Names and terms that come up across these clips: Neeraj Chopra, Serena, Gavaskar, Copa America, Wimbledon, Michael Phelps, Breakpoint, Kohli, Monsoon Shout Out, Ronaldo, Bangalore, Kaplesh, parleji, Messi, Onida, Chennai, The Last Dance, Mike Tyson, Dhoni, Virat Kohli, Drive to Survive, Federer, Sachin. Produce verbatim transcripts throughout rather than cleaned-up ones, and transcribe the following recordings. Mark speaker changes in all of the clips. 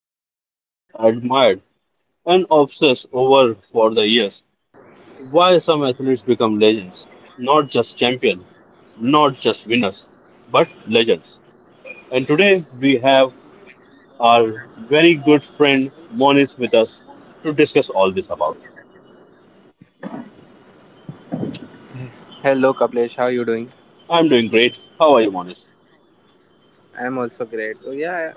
Speaker 1: argued about, admired, and obsessed over for the years. Why some athletes become legends, not just champions, not just winners, but legends. And today we have our very good friend Monis with us to discuss all this about.
Speaker 2: Hello Kaplesh, how you doing?
Speaker 1: I'm doing great. How are you, Monis?
Speaker 2: I'm also great. So yeah,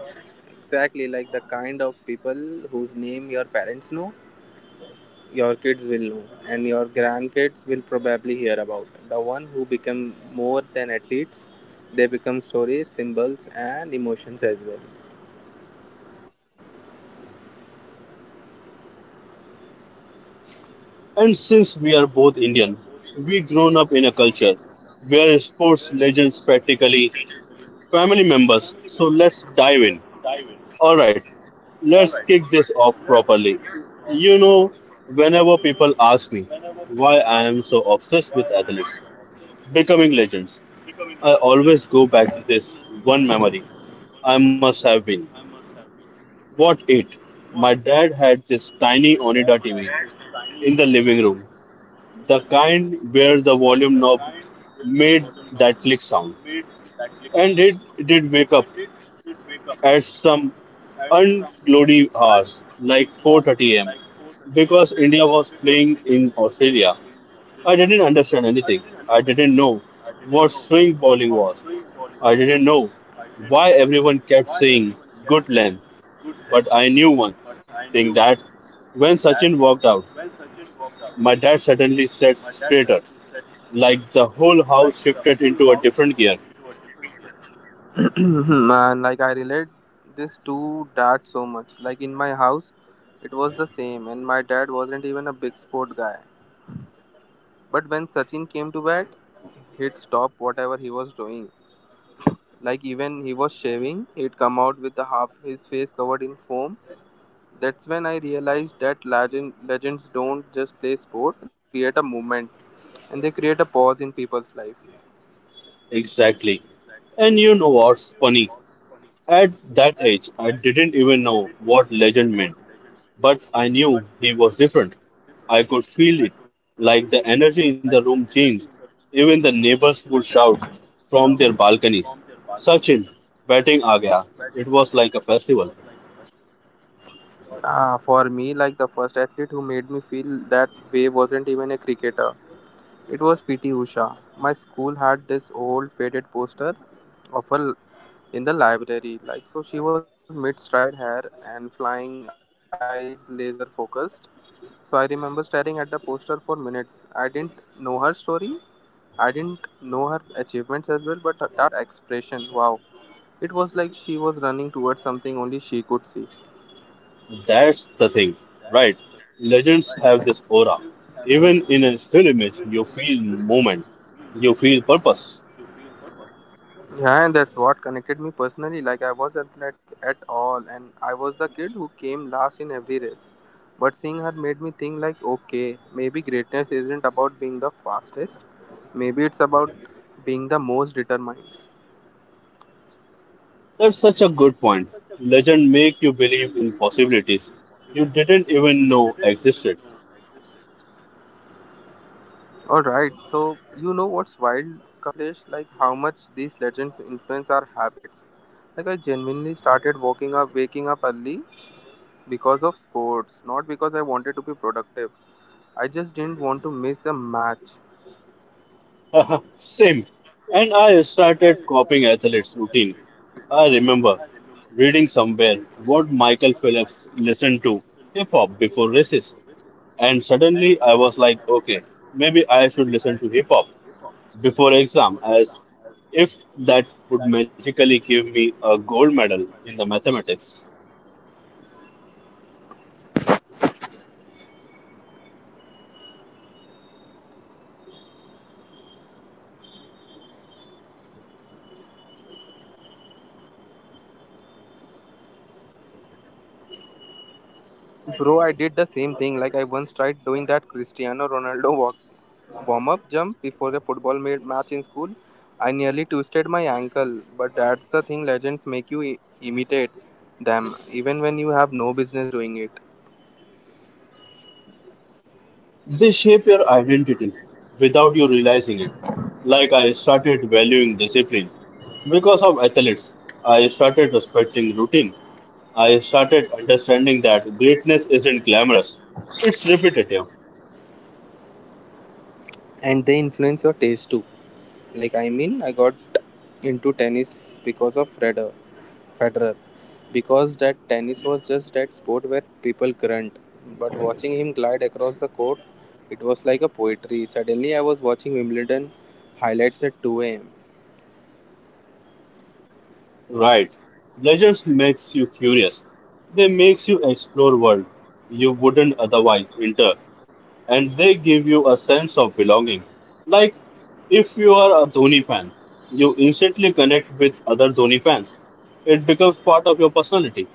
Speaker 2: exactly like the kind of people whose name your parents know, your kids will know, and your grandkids will probably hear about. The one who become more than athletes, they become stories, symbols, and emotions as well.
Speaker 1: And since we are both Indian, we grown up in a culture where sports legends practically family members. So let's dive in. All right, let's kick this off properly. You know, whenever people ask me why I am so obsessed with athletes becoming legends, I always go back to this one memory. I must have been. What eight? My dad had this tiny Onida T V in the living room, the kind where the volume knob made that click sound. And it did wake up at some unglory hours, like four thirty a m, because India was playing in Australia. I didn't understand anything. I didn't know what swing bowling was. I didn't know why everyone kept saying good length. But I knew one thing that when Sachin walked out, my dad suddenly sat straighter. Like the whole house shifted into a different gear.
Speaker 2: Man, like I relate this to dad so much. Like in my house, it was the same, and my dad wasn't even a big sport guy. But when Sachin came to bat, he'd stop whatever he was doing. Like even he was shaving, he'd come out with the half his face covered in foam. That's when I realized that legend, legends don't just play sport; they create a movement and they create a pause in people's life.
Speaker 1: Exactly. And you know what's funny? At that age, I didn't even know what legend meant, but I knew he was different. I could feel it, like the energy in the room changed. Even the neighbors would shout from their balconies, Sachin, batting aa gaya. It was like a festival.
Speaker 2: Ah, for me, like the first athlete who made me feel that way wasn't even a cricketer. It was P T Usha. My school had this old faded poster of her in the library. Like, so she was mid stride hair and flying eyes, laser focused. So I remember staring at the poster for minutes. I didn't know her story, I didn't know her achievements as well, but that expression wow. It was like she was running towards something only she could see.
Speaker 1: That's the thing, right? Legends have this aura. Even in a still image, you feel movement, you feel purpose.
Speaker 2: Yeah, and that's what connected me personally. Like, I was athletic at all, and I was the kid who came last in every race. But seeing her made me think, like, okay, maybe greatness isn't about being the fastest, maybe it's about being the most determined.
Speaker 1: That's such a good point. Legend make you believe in possibilities you didn't even know existed.
Speaker 2: Alright, so you know what's wild, Kaplesh? Like, how much these legends influence our habits. Like, I genuinely started waking up, waking up early because of sports, not because I wanted to be productive. I just didn't want to miss a match.
Speaker 1: Same. And I started copying athletes' routine. I remember reading somewhere what Michael Phelps listened to hip hop before races, and suddenly I was like, okay, maybe I should listen to hip hop. Before exam as if that would magically give me a gold medal in the mathematics.
Speaker 2: Bro, I did the same thing. Like I once tried doing that Cristiano Ronaldo walk, warm-up jump before the football ma- match in school. I nearly twisted my ankle, but that's the thing legends make you I- imitate them even when you have no business doing it.
Speaker 1: They shape your identity without you realizing it. Like I started valuing discipline because of athletes. I started respecting routine. I started understanding that greatness isn't glamorous. It's repetitive.
Speaker 2: And they influence your taste too. Like I mean, I got into tennis because of Federer. Federer. Because that tennis was just that sport where people grunt, but watching him glide across the court, it was like a poetry. Suddenly, I was watching Wimbledon highlights at two a m.
Speaker 1: Right. Pleasures makes you curious. They makes you explore world you wouldn't otherwise enter. And they give you a sense of belonging. Like if you are a Dhoni fan, you instantly connect with other Dhoni fans. It becomes part of your personality.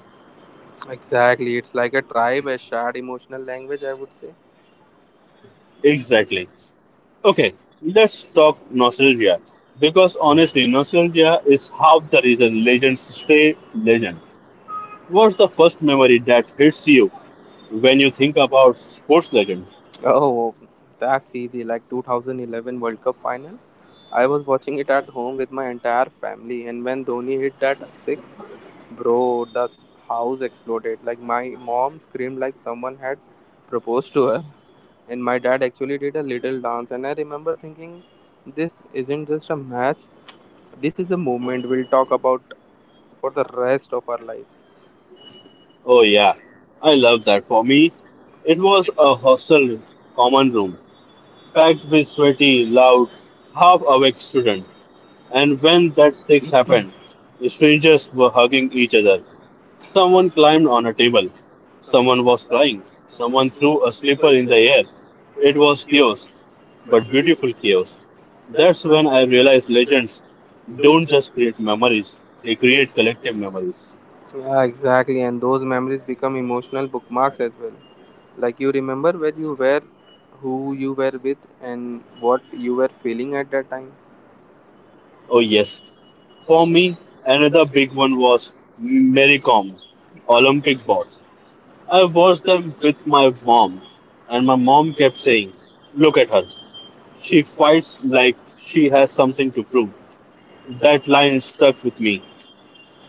Speaker 2: Exactly, it's like a tribe, a shared emotional language, I would say.
Speaker 1: Exactly. Okay, let's talk nostalgia. Because honestly, nostalgia is half the reason legends stay legend. What's the first memory that hits you when you think about sports legend?
Speaker 2: Oh, that's easy. Like two thousand eleven World Cup final, I was watching it at home with my entire family, and when Dhoni hit that six, bro, the s- house exploded. Like my mom screamed like someone had proposed to her. And my dad actually did a little dance. And I remember thinking, this isn't just a match, this is a moment we'll talk about for the rest of our lives.
Speaker 1: Oh yeah, I love that. For me, it was a hostel common room, packed with sweaty, loud, half-awake students. And when that six happened, the strangers were hugging each other. Someone climbed on a table. Someone was crying. Someone threw a slipper in the air. It was chaos, but beautiful chaos. That's when I realized legends don't just create memories, they create collective memories.
Speaker 2: Yeah, exactly. And those memories become emotional bookmarks as well. Like you remember where you were, who you were with, and what you were feeling at that time.
Speaker 1: Oh, yes. For me, another big one was Mary Kom, Olympic boss. I watched them with my mom, and my mom kept saying, look at her. She fights like she has something to prove. That line stuck with me.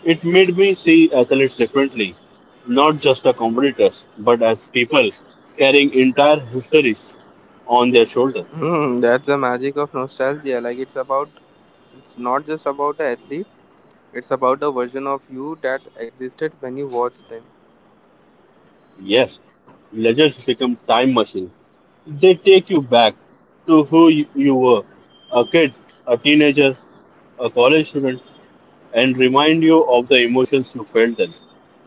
Speaker 1: It made me see athletes differently, not just as competitors, but as people carrying entire histories on their shoulder.
Speaker 2: Hmm, that's the magic of nostalgia. Like it's about, it's not just about an athlete. It's about the version of you that existed when you watched them.
Speaker 1: Yes, legends become time machine. They take you back to who you you were, a kid, a teenager, a college student, and remind you of the emotions you felt then.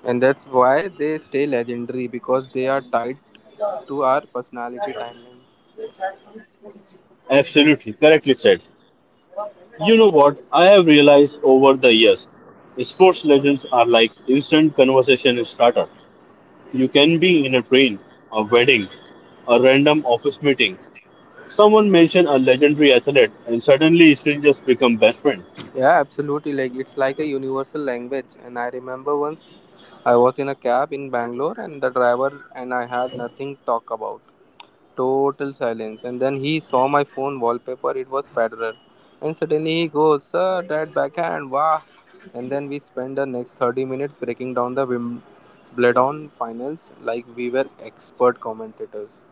Speaker 2: And that's why they stay legendary because they are tied to our personality timelines.
Speaker 1: Absolutely, correctly said. You know what I have realized over the years? Sports legends are like instant conversation starter. You can be in a train, a wedding, a random office meeting. Someone mention a legendary athlete and suddenly strangers become best friends.
Speaker 2: Yeah, absolutely. Like it's like a universal language. And I remember once I was in a cab in Bangalore and the driver and I had nothing to talk about. Total silence. And then he saw my phone wallpaper, it was Federer. And suddenly he goes, "Sir, that backhand, wow." And then we spend the next thirty minutes breaking down the Wimbledon finals like we were expert commentators.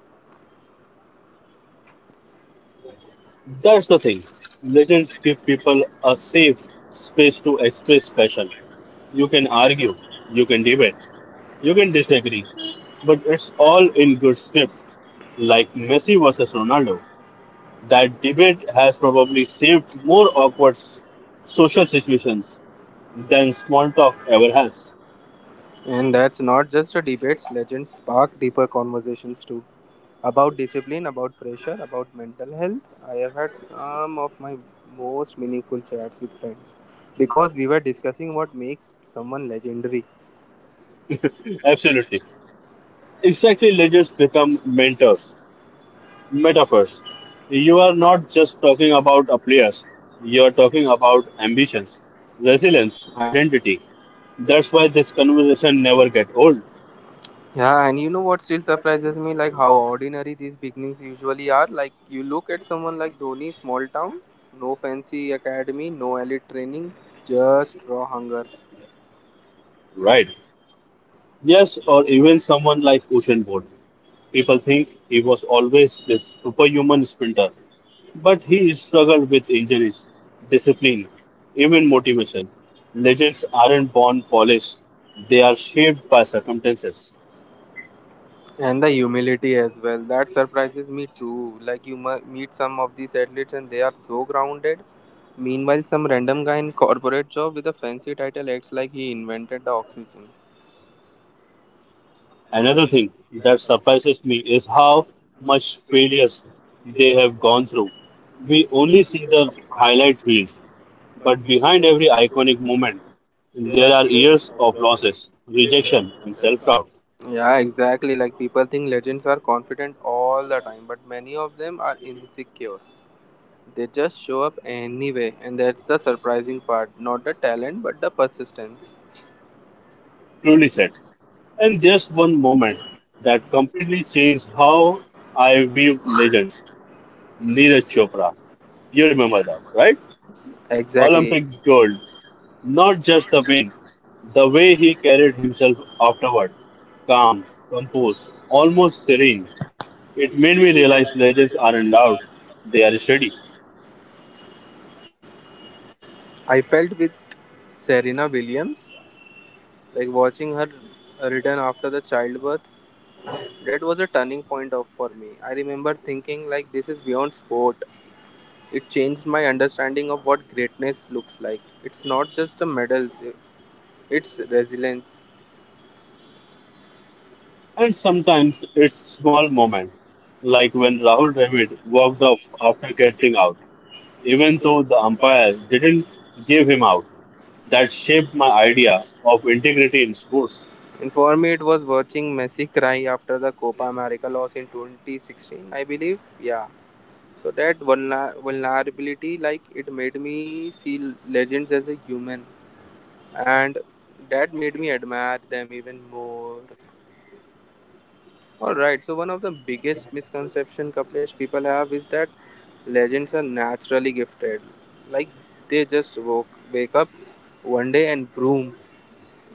Speaker 1: That's the thing. Legends give people a safe space to express passion. You can argue, you can debate, you can disagree, but it's all in good script. Like Messi versus Ronaldo, that debate has probably saved more awkward s- social situations than small talk ever has.
Speaker 2: And that's not just a debates, legends spark deeper conversations too. About discipline, about pressure, about mental health. I have had some of my most meaningful chats with friends because we were discussing what makes someone legendary.
Speaker 1: Absolutely. Exactly, legends become mentors, metaphors. You are not just talking about a players, you are talking about ambitions, resilience, identity. That's why this conversation never get old,
Speaker 2: Yeah, and you know what still surprises me? Like how ordinary these beginnings usually are. Like you look at someone like Dhoni, small town, no fancy academy, no elite training, just raw hunger.
Speaker 1: right? Yes, or even someone like Ocean Bolt. People think he was always this superhuman sprinter, but he struggled with injuries, discipline, even motivation. Legends aren't born polished, they are shaped by circumstances.
Speaker 2: And the humility as well that surprises me too. Like you mu- meet some of these athletes and they are so grounded. Meanwhile some random guy in corporate job with a fancy title acts like he invented the oxygen.
Speaker 1: Another thing that surprises me is how much failures they have gone through. We only see the highlight reels, but behind every iconic moment, there are years of losses, rejection, and self doubt.
Speaker 2: Yeah, exactly. Like people think legends are confident all the time but many of them are insecure. They just show up anyway and that's the surprising part, not the talent but the persistence.
Speaker 1: Truly said. And just one moment that completely changed how I viewed legends. Neeraj Chopra. You remember that, right?
Speaker 2: Exactly.
Speaker 1: Olympic gold. Not just the win, the way he carried himself afterward. Calm, composed, almost serene. It made me realize legends aren't loud, they are steady.
Speaker 2: I felt with Serena Williams. Like watching her return after the childbirth, that was a turning point of for me. I remember thinking like this is beyond sport. It changed my understanding of what greatness looks like. It's not just a medals, it's resilience.
Speaker 1: And sometimes it's small moment, like when Rahul Dravid walked off after getting out, even though the umpire didn't give him out. That shaped my idea of integrity in sports.
Speaker 2: And for me, it was watching Messi cry after the Copa America loss in twenty sixteen, I believe. Yeah. So that vulner- vulnerability, like it made me see legends as a human, and that made me admire them even more. All right. So one of the biggest misconception Kaplesh people have is that legends are naturally gifted. Like they just woke wake up one day and boom,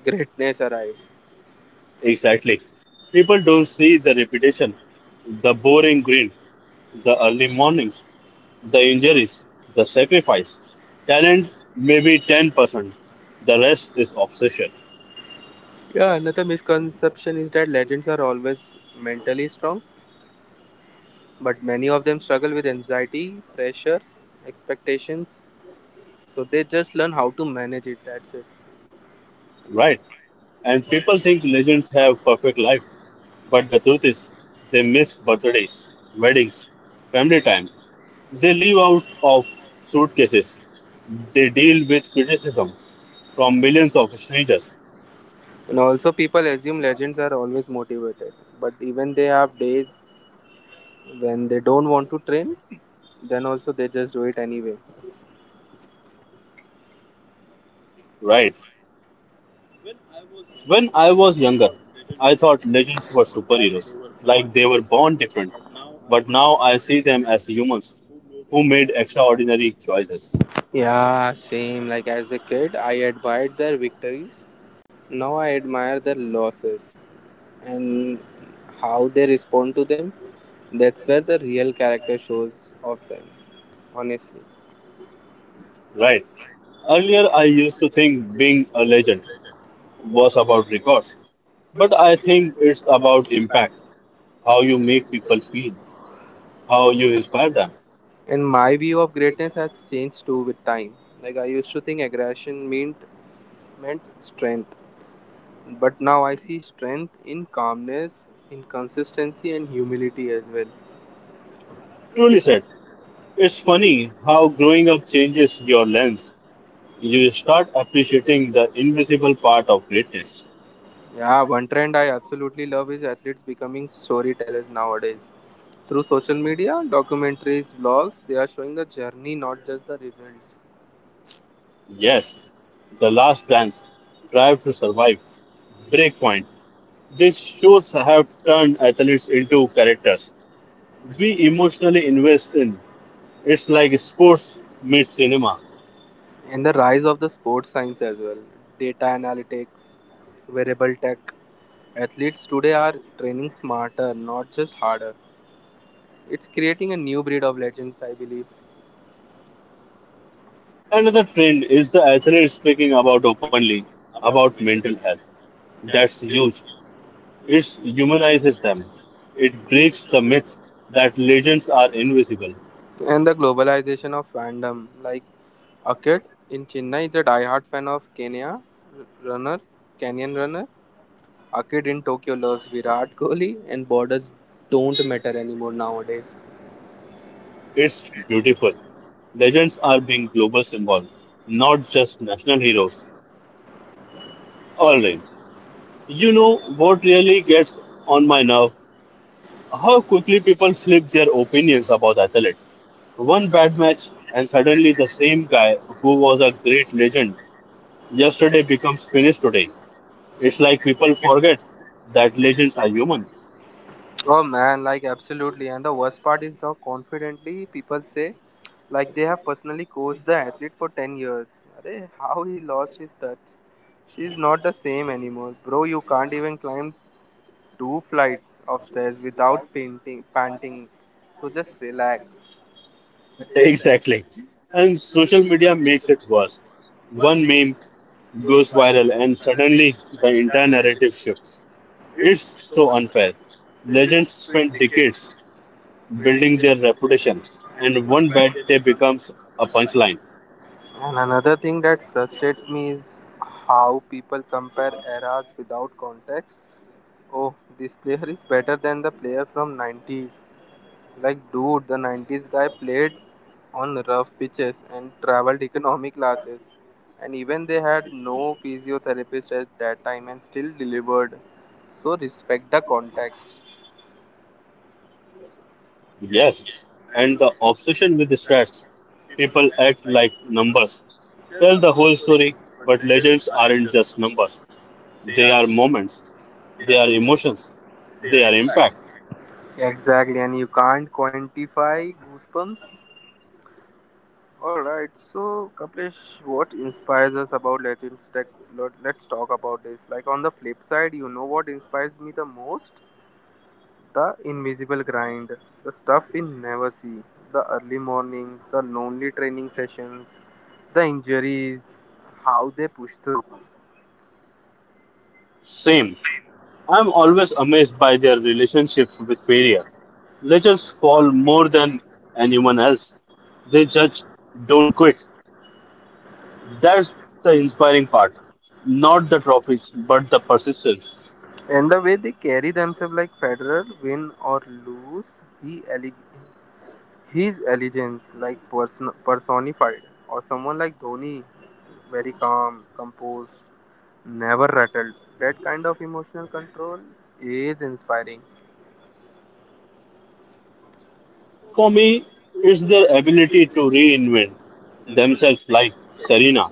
Speaker 2: greatness arrived.
Speaker 1: Exactly. People don't see the repetition, the boring grin, the early mornings, the injuries, the sacrifice. Talent maybe ten percent. The rest is obsession,
Speaker 2: Yeah, another misconception is that legends are always mentally strong, but many of them struggle with anxiety, pressure, expectations. So they just learn how to manage it. That's it.
Speaker 1: right? And people think legends have perfect life. But the truth is, they miss birthdays, weddings, family time. They live out of suitcases. They deal with criticism from millions of strangers.
Speaker 2: And also people assume legends are always motivated, but even they have days when they don't want to train, then also they just do it anyway.
Speaker 1: Right. When I was younger, I thought legends were superheroes, like they were born different. But now I see them as humans who made extraordinary choices.
Speaker 2: Yeah, same. Like as a kid, I admired their victories. Now I admire their losses and how they respond to them. That's where the real character shows of them, honestly.
Speaker 1: Right. Earlier, I used to think being a legend was about records, but I think it's about impact, how you make people feel, how you inspire them.
Speaker 2: And my view of greatness has changed too with time. Like I used to think aggression meant meant strength, but now I see strength in calmness, in consistency, and humility as well.
Speaker 1: Truly said. It's funny how growing up changes your lens. You start appreciating the invisible part of greatness.
Speaker 2: Yeah, one trend I absolutely love is athletes becoming storytellers nowadays. Through social media, documentaries, vlogs, they are showing the journey, not just the results.
Speaker 1: Yes, The Last Dance, Drive to Survive, Breakpoint. These shows have turned athletes into characters we emotionally invest in. It's like sports meets cinema.
Speaker 2: And the rise of the sports science as well, data analytics, wearable tech. Athletes today are training smarter, not just harder. It's creating a new breed of legends, I believe.
Speaker 1: Another trend is the athletes speaking about openly about mental health. That's huge. It humanizes them. It breaks the myth that legends are invisible.
Speaker 2: And the globalization of fandom. Like a kid in Chennai is a diehard fan of Kenya runner, Kenyan runner. A kid in Tokyo loves Virat Kohli, and borders don't matter anymore nowadays.
Speaker 1: It's beautiful. Legends are being global symbol, not just national heroes. All right. You know what really gets on my nerve? How quickly people flip their opinions about athletes. One bad match, and suddenly the same guy who was a great legend yesterday becomes finished today. It's like people forget that legends are human.
Speaker 2: Oh man, like absolutely. And the worst part is how confidently people say, like they have personally coached the athlete for ten years. Arey, how he lost his touch. She's not the same anymore. Bro, you can't even climb two flights of stairs without painting, panting. So just relax.
Speaker 1: Exactly. And social media makes it worse. One meme goes viral and suddenly the entire narrative shifts. It's so unfair. Legends spend decades building their reputation and one bad day becomes a punchline.
Speaker 2: And another thing that frustrates me is how people compare eras without context. Oh, this player is better than the player from nineties. Like dude, the nineties guy played on rough pitches and traveled economy classes. And even they had no physiotherapist at that time and still delivered. So respect the context.
Speaker 1: Yes. And the obsession with the stats, people act like numbers. Tell the whole story, but legends aren't just numbers. They are moments, they are emotions, they are impact.
Speaker 2: Exactly, and you can't quantify goosebumps. Alright, so Kapilesh, what inspires us about Legends Tech? let- Let's talk about this. Like on the flip side, you know what inspires me the most? The invisible grind, the stuff we never see, the early mornings, the lonely training sessions, the injuries, how they push through,
Speaker 1: Same. I'm always amazed by their relationship with media. Legends fall more than anyone else. They judge, don't quit. That's the inspiring part. Not the trophies, but the persistence.
Speaker 2: and the way they carry themselves like Federer, win or lose, he ele- his elegance, like person- personified, or someone like Dhoni, very calm, composed, never rattled. That kind of emotional control is inspiring.
Speaker 1: For me, it's their ability to reinvent themselves like Serena,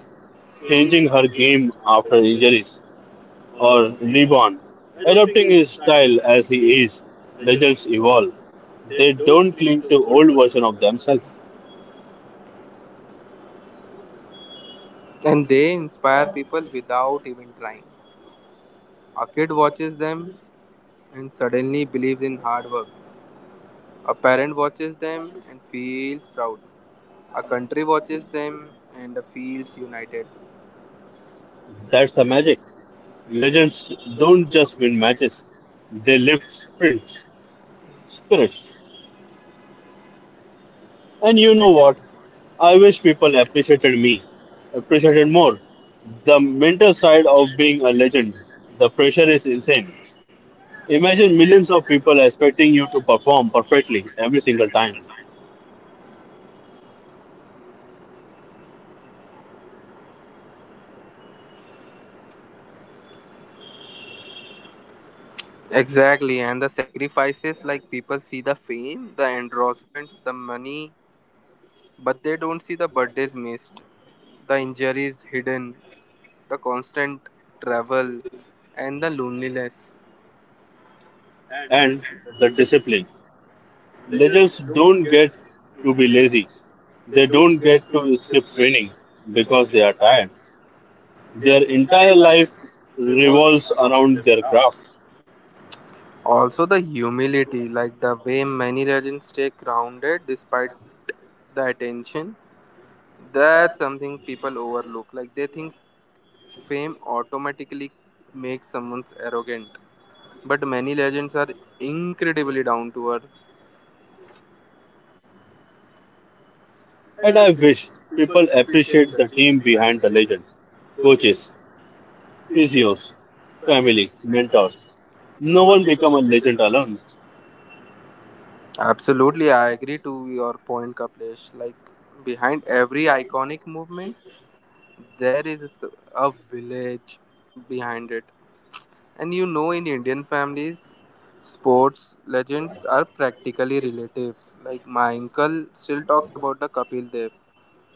Speaker 1: changing her game after injuries, or LeBron, adopting his style as he is. Legends evolve. They don't cling to old version of themselves.
Speaker 2: And they inspire people without even trying. A kid watches them and suddenly believes in hard work. A parent watches them and feels proud. A country watches them and feels united.
Speaker 1: That's the magic. Legends don't just win matches, they lift spirits. spirits. And you know what? I wish people appreciated me, appreciated more. The mental side of being a legend, the pressure is insane. Imagine millions of people expecting you to perform perfectly every single time.
Speaker 2: Exactly, and the sacrifices like people see the fame, the endorsements, the money, but they don't see the birthdays missed, the injuries hidden, the constant travel, and the loneliness.
Speaker 1: And the discipline. Legends don't get to be lazy, they don't get to skip training because they are tired. Their entire life revolves around their craft.
Speaker 2: Also, the humility, like the way many legends stay grounded despite the attention. That's something people overlook. Like they think fame automatically makes someone arrogant. But many legends are incredibly down to earth.
Speaker 1: And I wish people appreciate the team behind the legend coaches, physios, family, mentors. No one become a legend alone.
Speaker 2: Absolutely, I agree to your point, Kapilesh. Like behind every iconic movement, there is a s- a village behind it. And you know, in Indian families, sports legends are practically relatives. Like my uncle still talks about the Kapil Dev.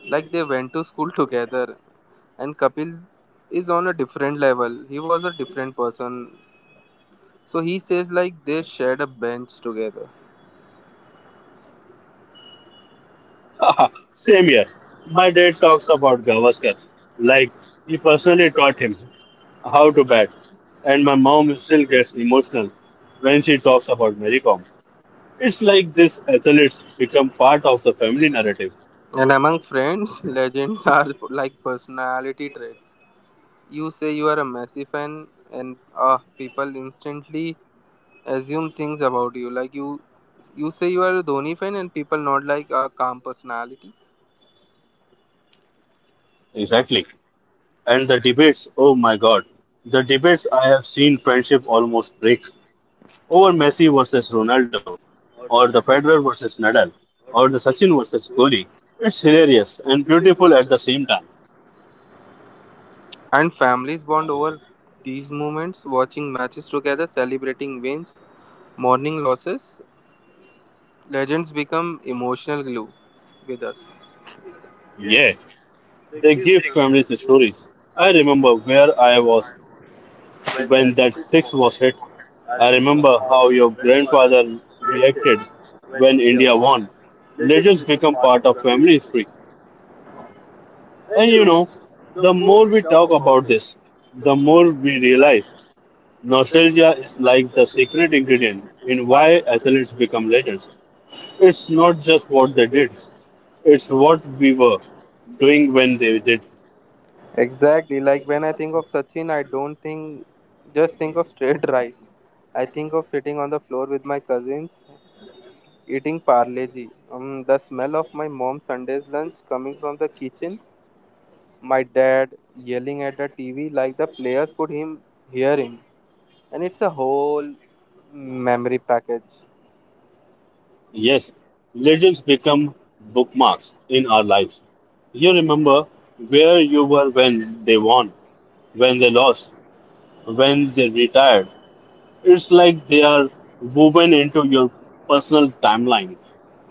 Speaker 2: Like they went to school together. And Kapil is on a different level. He was a different person. So he says like they shared a bench together.
Speaker 1: Same here. My dad talks about Gavaskar. Like he personally taught him how to bat. And my mom still gets emotional when she talks about Mary Kom. It's like these athletes become part of the family narrative.
Speaker 2: And among friends, legends are like personality traits. You say you are a Messi fan, and uh, people instantly assume things about you. Like you, you say you are a Dhoni fan, and people not like a calm personality.
Speaker 1: Exactly. And the debates, oh my God. The debates I have seen friendship almost break over Messi versus Ronaldo, or the Federer versus Nadal, or the Sachin versus Kohli. It's hilarious and beautiful at the same time.
Speaker 2: And families bond over these moments, watching matches together, celebrating wins, mourning losses. Legends become emotional glue with us.
Speaker 1: Yeah, they give families stories. I remember where I was when that six was hit. I remember how your grandfather reacted when India won. Legends become part of family history. And you know, the more we talk about this, the more we realize nostalgia is like the secret ingredient in why athletes become legends. It's not just what they did, it's what we were doing when they did.
Speaker 2: Exactly. Like when I think of Sachin, I don't think just think of straight drive. I think of sitting on the floor with my cousins eating parleji. Um, the smell of my mom's Sunday's lunch coming from the kitchen. My dad yelling at the T V like the players could him hear him. And it's a whole memory package.
Speaker 1: Yes, legends become bookmarks in our lives. You remember where you were when they won, when they lost, when they retired. It's like they are woven into your personal timeline.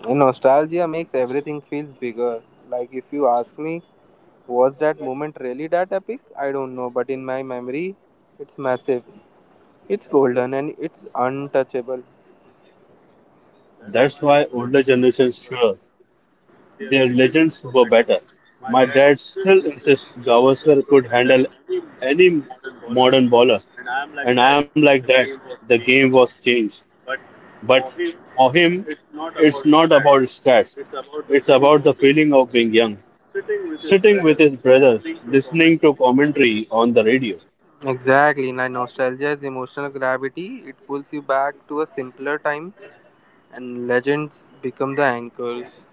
Speaker 2: And nostalgia makes everything feels bigger. Like if you ask me, was that moment really that epic? I don't know, but in my memory, it's massive. It's golden and it's untouchable.
Speaker 1: That's why older generations sure their legends were better. My dad still insists Gavaskar could handle any modern bowler, and I'm like that. The game was changed, but for him, it's not about stats. It's about the feeling of being young, sitting with his brother, listening to commentary on the radio.
Speaker 2: Exactly. Now nostalgia is emotional gravity. It pulls you back to a simpler time and legends become the anchors.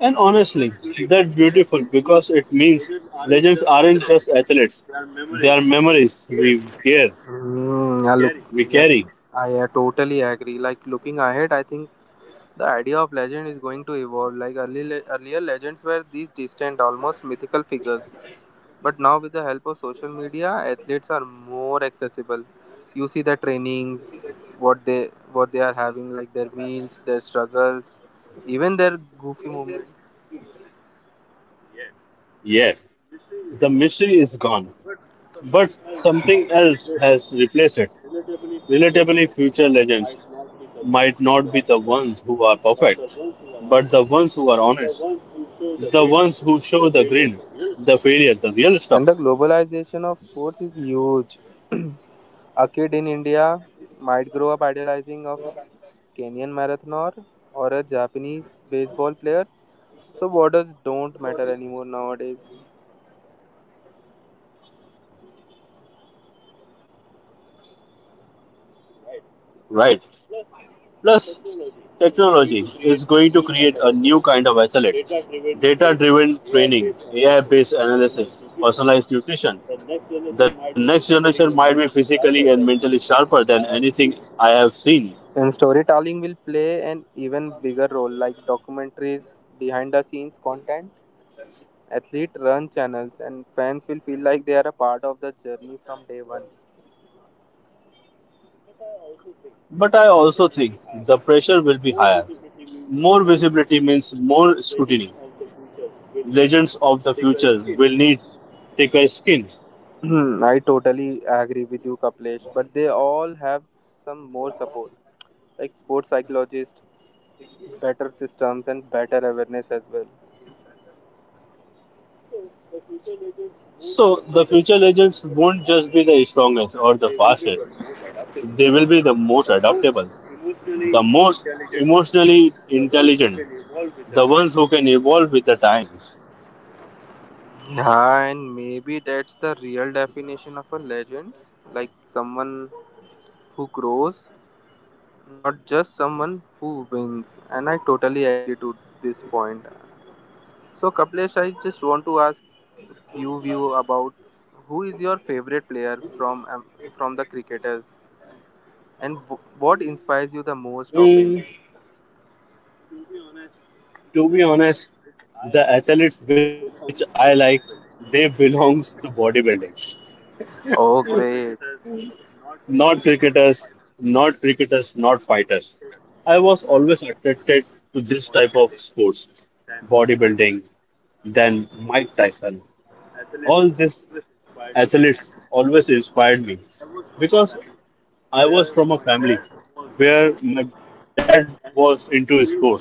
Speaker 1: And honestly, that's beautiful because it means legends aren't just athletes. They are memories we care,
Speaker 2: Mm, yeah, look, Scary.
Speaker 1: we
Speaker 2: Yep,
Speaker 1: carry.
Speaker 2: I uh, totally agree. Like looking ahead, I think the idea of legend is going to evolve. Like early le- earlier, legends were these distant, almost mythical figures, but now with the help of social media, athletes are more accessible. You see the trainings, what they what they are having, like their meals, their struggles, even their goofy moments.
Speaker 1: Yes, the mystery is gone, but something else has replaced it. Relatably, future legends might not be the ones who are perfect, but the ones who are honest, the ones who show the grin, the failure, the real stuff.
Speaker 2: And the globalization of sports is huge. A kid in India might grow up idolizing a Kenyan marathoner or a Japanese baseball player, so borders don't matter anymore nowadays.
Speaker 1: Right. Plus, technology is going to create a new kind of athlete data driven training, A I based analysis, personalized nutrition. The next generation might be physically and mentally sharper than anything I have seen.
Speaker 2: And storytelling will play an even bigger role, like documentaries, behind the scenes content, athlete run channels, and fans will feel like they are a part of the journey from day one.
Speaker 1: But I also think the pressure will be higher. More visibility means more scrutiny. Legends of the future will need thicker skin.
Speaker 2: I totally agree with you, Kaplesh, but they all have some more support, like sports psychologists, better systems and better awareness as well.
Speaker 1: So the future legends won't just be the strongest or the fastest. They will be the most adaptable, the most emotionally intelligent, the ones who can evolve with the times.
Speaker 2: Yeah, and maybe that's the real definition of a legend, like someone who grows, not just someone who wins. And I totally agree to this point. So, Kaplesh, I just want to ask few view about who is your favorite player from um, from the cricketers and w- what inspires you the most of him.
Speaker 1: Mm, to be honest, the athletes which I like, they belongs to bodybuilding.
Speaker 2: Oh, Not great. cricketers, not
Speaker 1: not
Speaker 2: cricketers, not
Speaker 1: cricketers,
Speaker 2: fighters.
Speaker 1: Not
Speaker 2: Almost
Speaker 1: cricketers,
Speaker 2: all
Speaker 1: not
Speaker 2: the success
Speaker 1: fighters.
Speaker 2: to
Speaker 1: I
Speaker 2: this
Speaker 1: was
Speaker 2: type of
Speaker 1: always
Speaker 2: sport,
Speaker 1: attracted to this type of
Speaker 2: bodybuilding,
Speaker 1: sports,
Speaker 2: than my style.
Speaker 1: bodybuilding, then Mike Tyson. All these athletes always inspired me because I was from a family where my dad was into sports,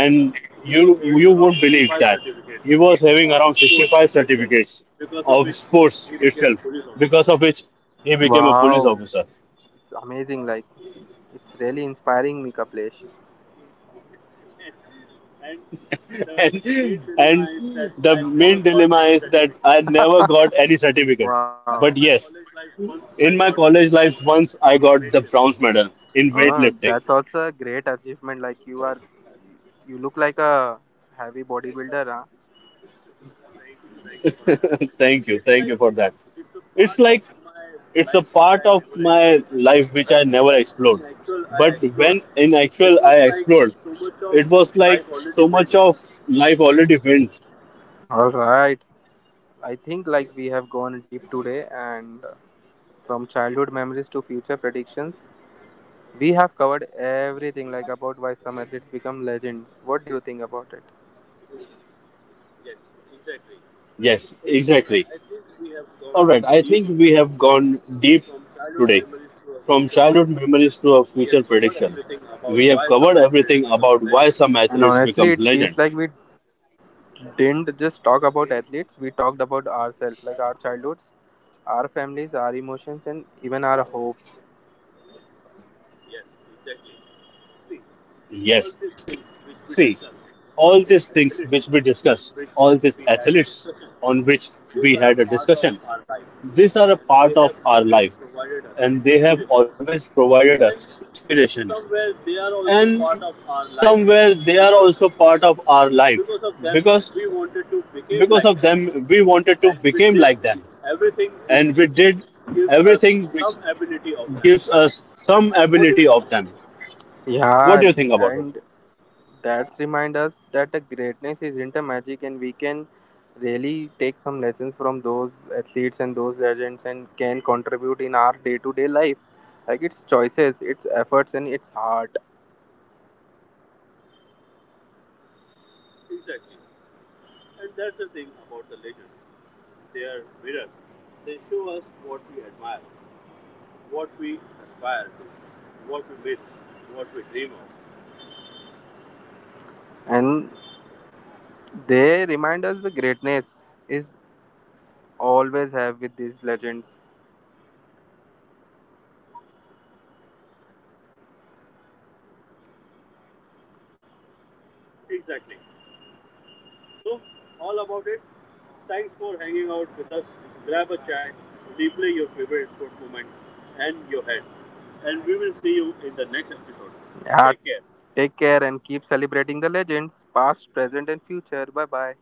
Speaker 1: and you you won't believe that he was having around sixty-five certificates of sports itself, because of which he became a police
Speaker 2: Wow.
Speaker 1: officer.
Speaker 2: It's amazing. Like, it's really inspiring me, Kaplesh.
Speaker 1: and, and the main dilemma is that I never got any certificate.
Speaker 2: Wow. In my
Speaker 1: But
Speaker 2: college
Speaker 1: yes,
Speaker 2: life, once I got
Speaker 1: in my
Speaker 2: the
Speaker 1: college
Speaker 2: bronze
Speaker 1: life, once
Speaker 2: medal in
Speaker 1: I got the
Speaker 2: weightlifting.
Speaker 1: bronze medal in
Speaker 2: Uh, that's
Speaker 1: weightlifting.
Speaker 2: also a great achievement. Like, you are, you look like a heavy bodybuilder, huh?
Speaker 1: Thank you, thank you for that. It's like it's a part of my life which I never explored. But when in actual I explored, it was like so much of life already went.
Speaker 2: All right. I think like we have gone deep today and from childhood memories to future predictions, we have covered everything like about why some athletes become legends. What do you think about it?
Speaker 1: Yes, exactly. All right, I think we have gone deep today. From childhood memories to our future predictions, we have covered everything about why some
Speaker 2: And
Speaker 1: athletes
Speaker 2: honestly,
Speaker 1: become
Speaker 2: it
Speaker 1: legend.
Speaker 2: feels like we didn't just talk about athletes, we talked about ourselves, like our childhoods, our families, our emotions, and even our hopes.
Speaker 1: Yes, exactly. See, all these things which we discussed, all these athletes on which we had a discussion, these are a part of our life and they have always provided us inspiration. And somewhere they are also part of our life because because of them we wanted to become like them and we did everything which gives us some ability of them. What
Speaker 2: Yeah,
Speaker 1: do you think about it?
Speaker 2: and that's remind us that the greatness isn't a magic, and we can really take some lessons from those athletes and those legends, and can contribute in our day-to-day life. Like its choices, its efforts, and its heart,
Speaker 1: Exactly. And that's the thing about the legends, they are mirrors. They show us what we admire, what we aspire to, what we miss, what we dream of.
Speaker 2: and they remind us the greatness is always have with these legends.
Speaker 1: Exactly. So, all about it. Thanks for hanging out with us. Grab a chai, replay your favorite sports moment and your head. And we will see you in the next episode.
Speaker 2: Yeah,
Speaker 1: Take care.
Speaker 2: take care and keep celebrating the legends, past, present, and future. Bye bye.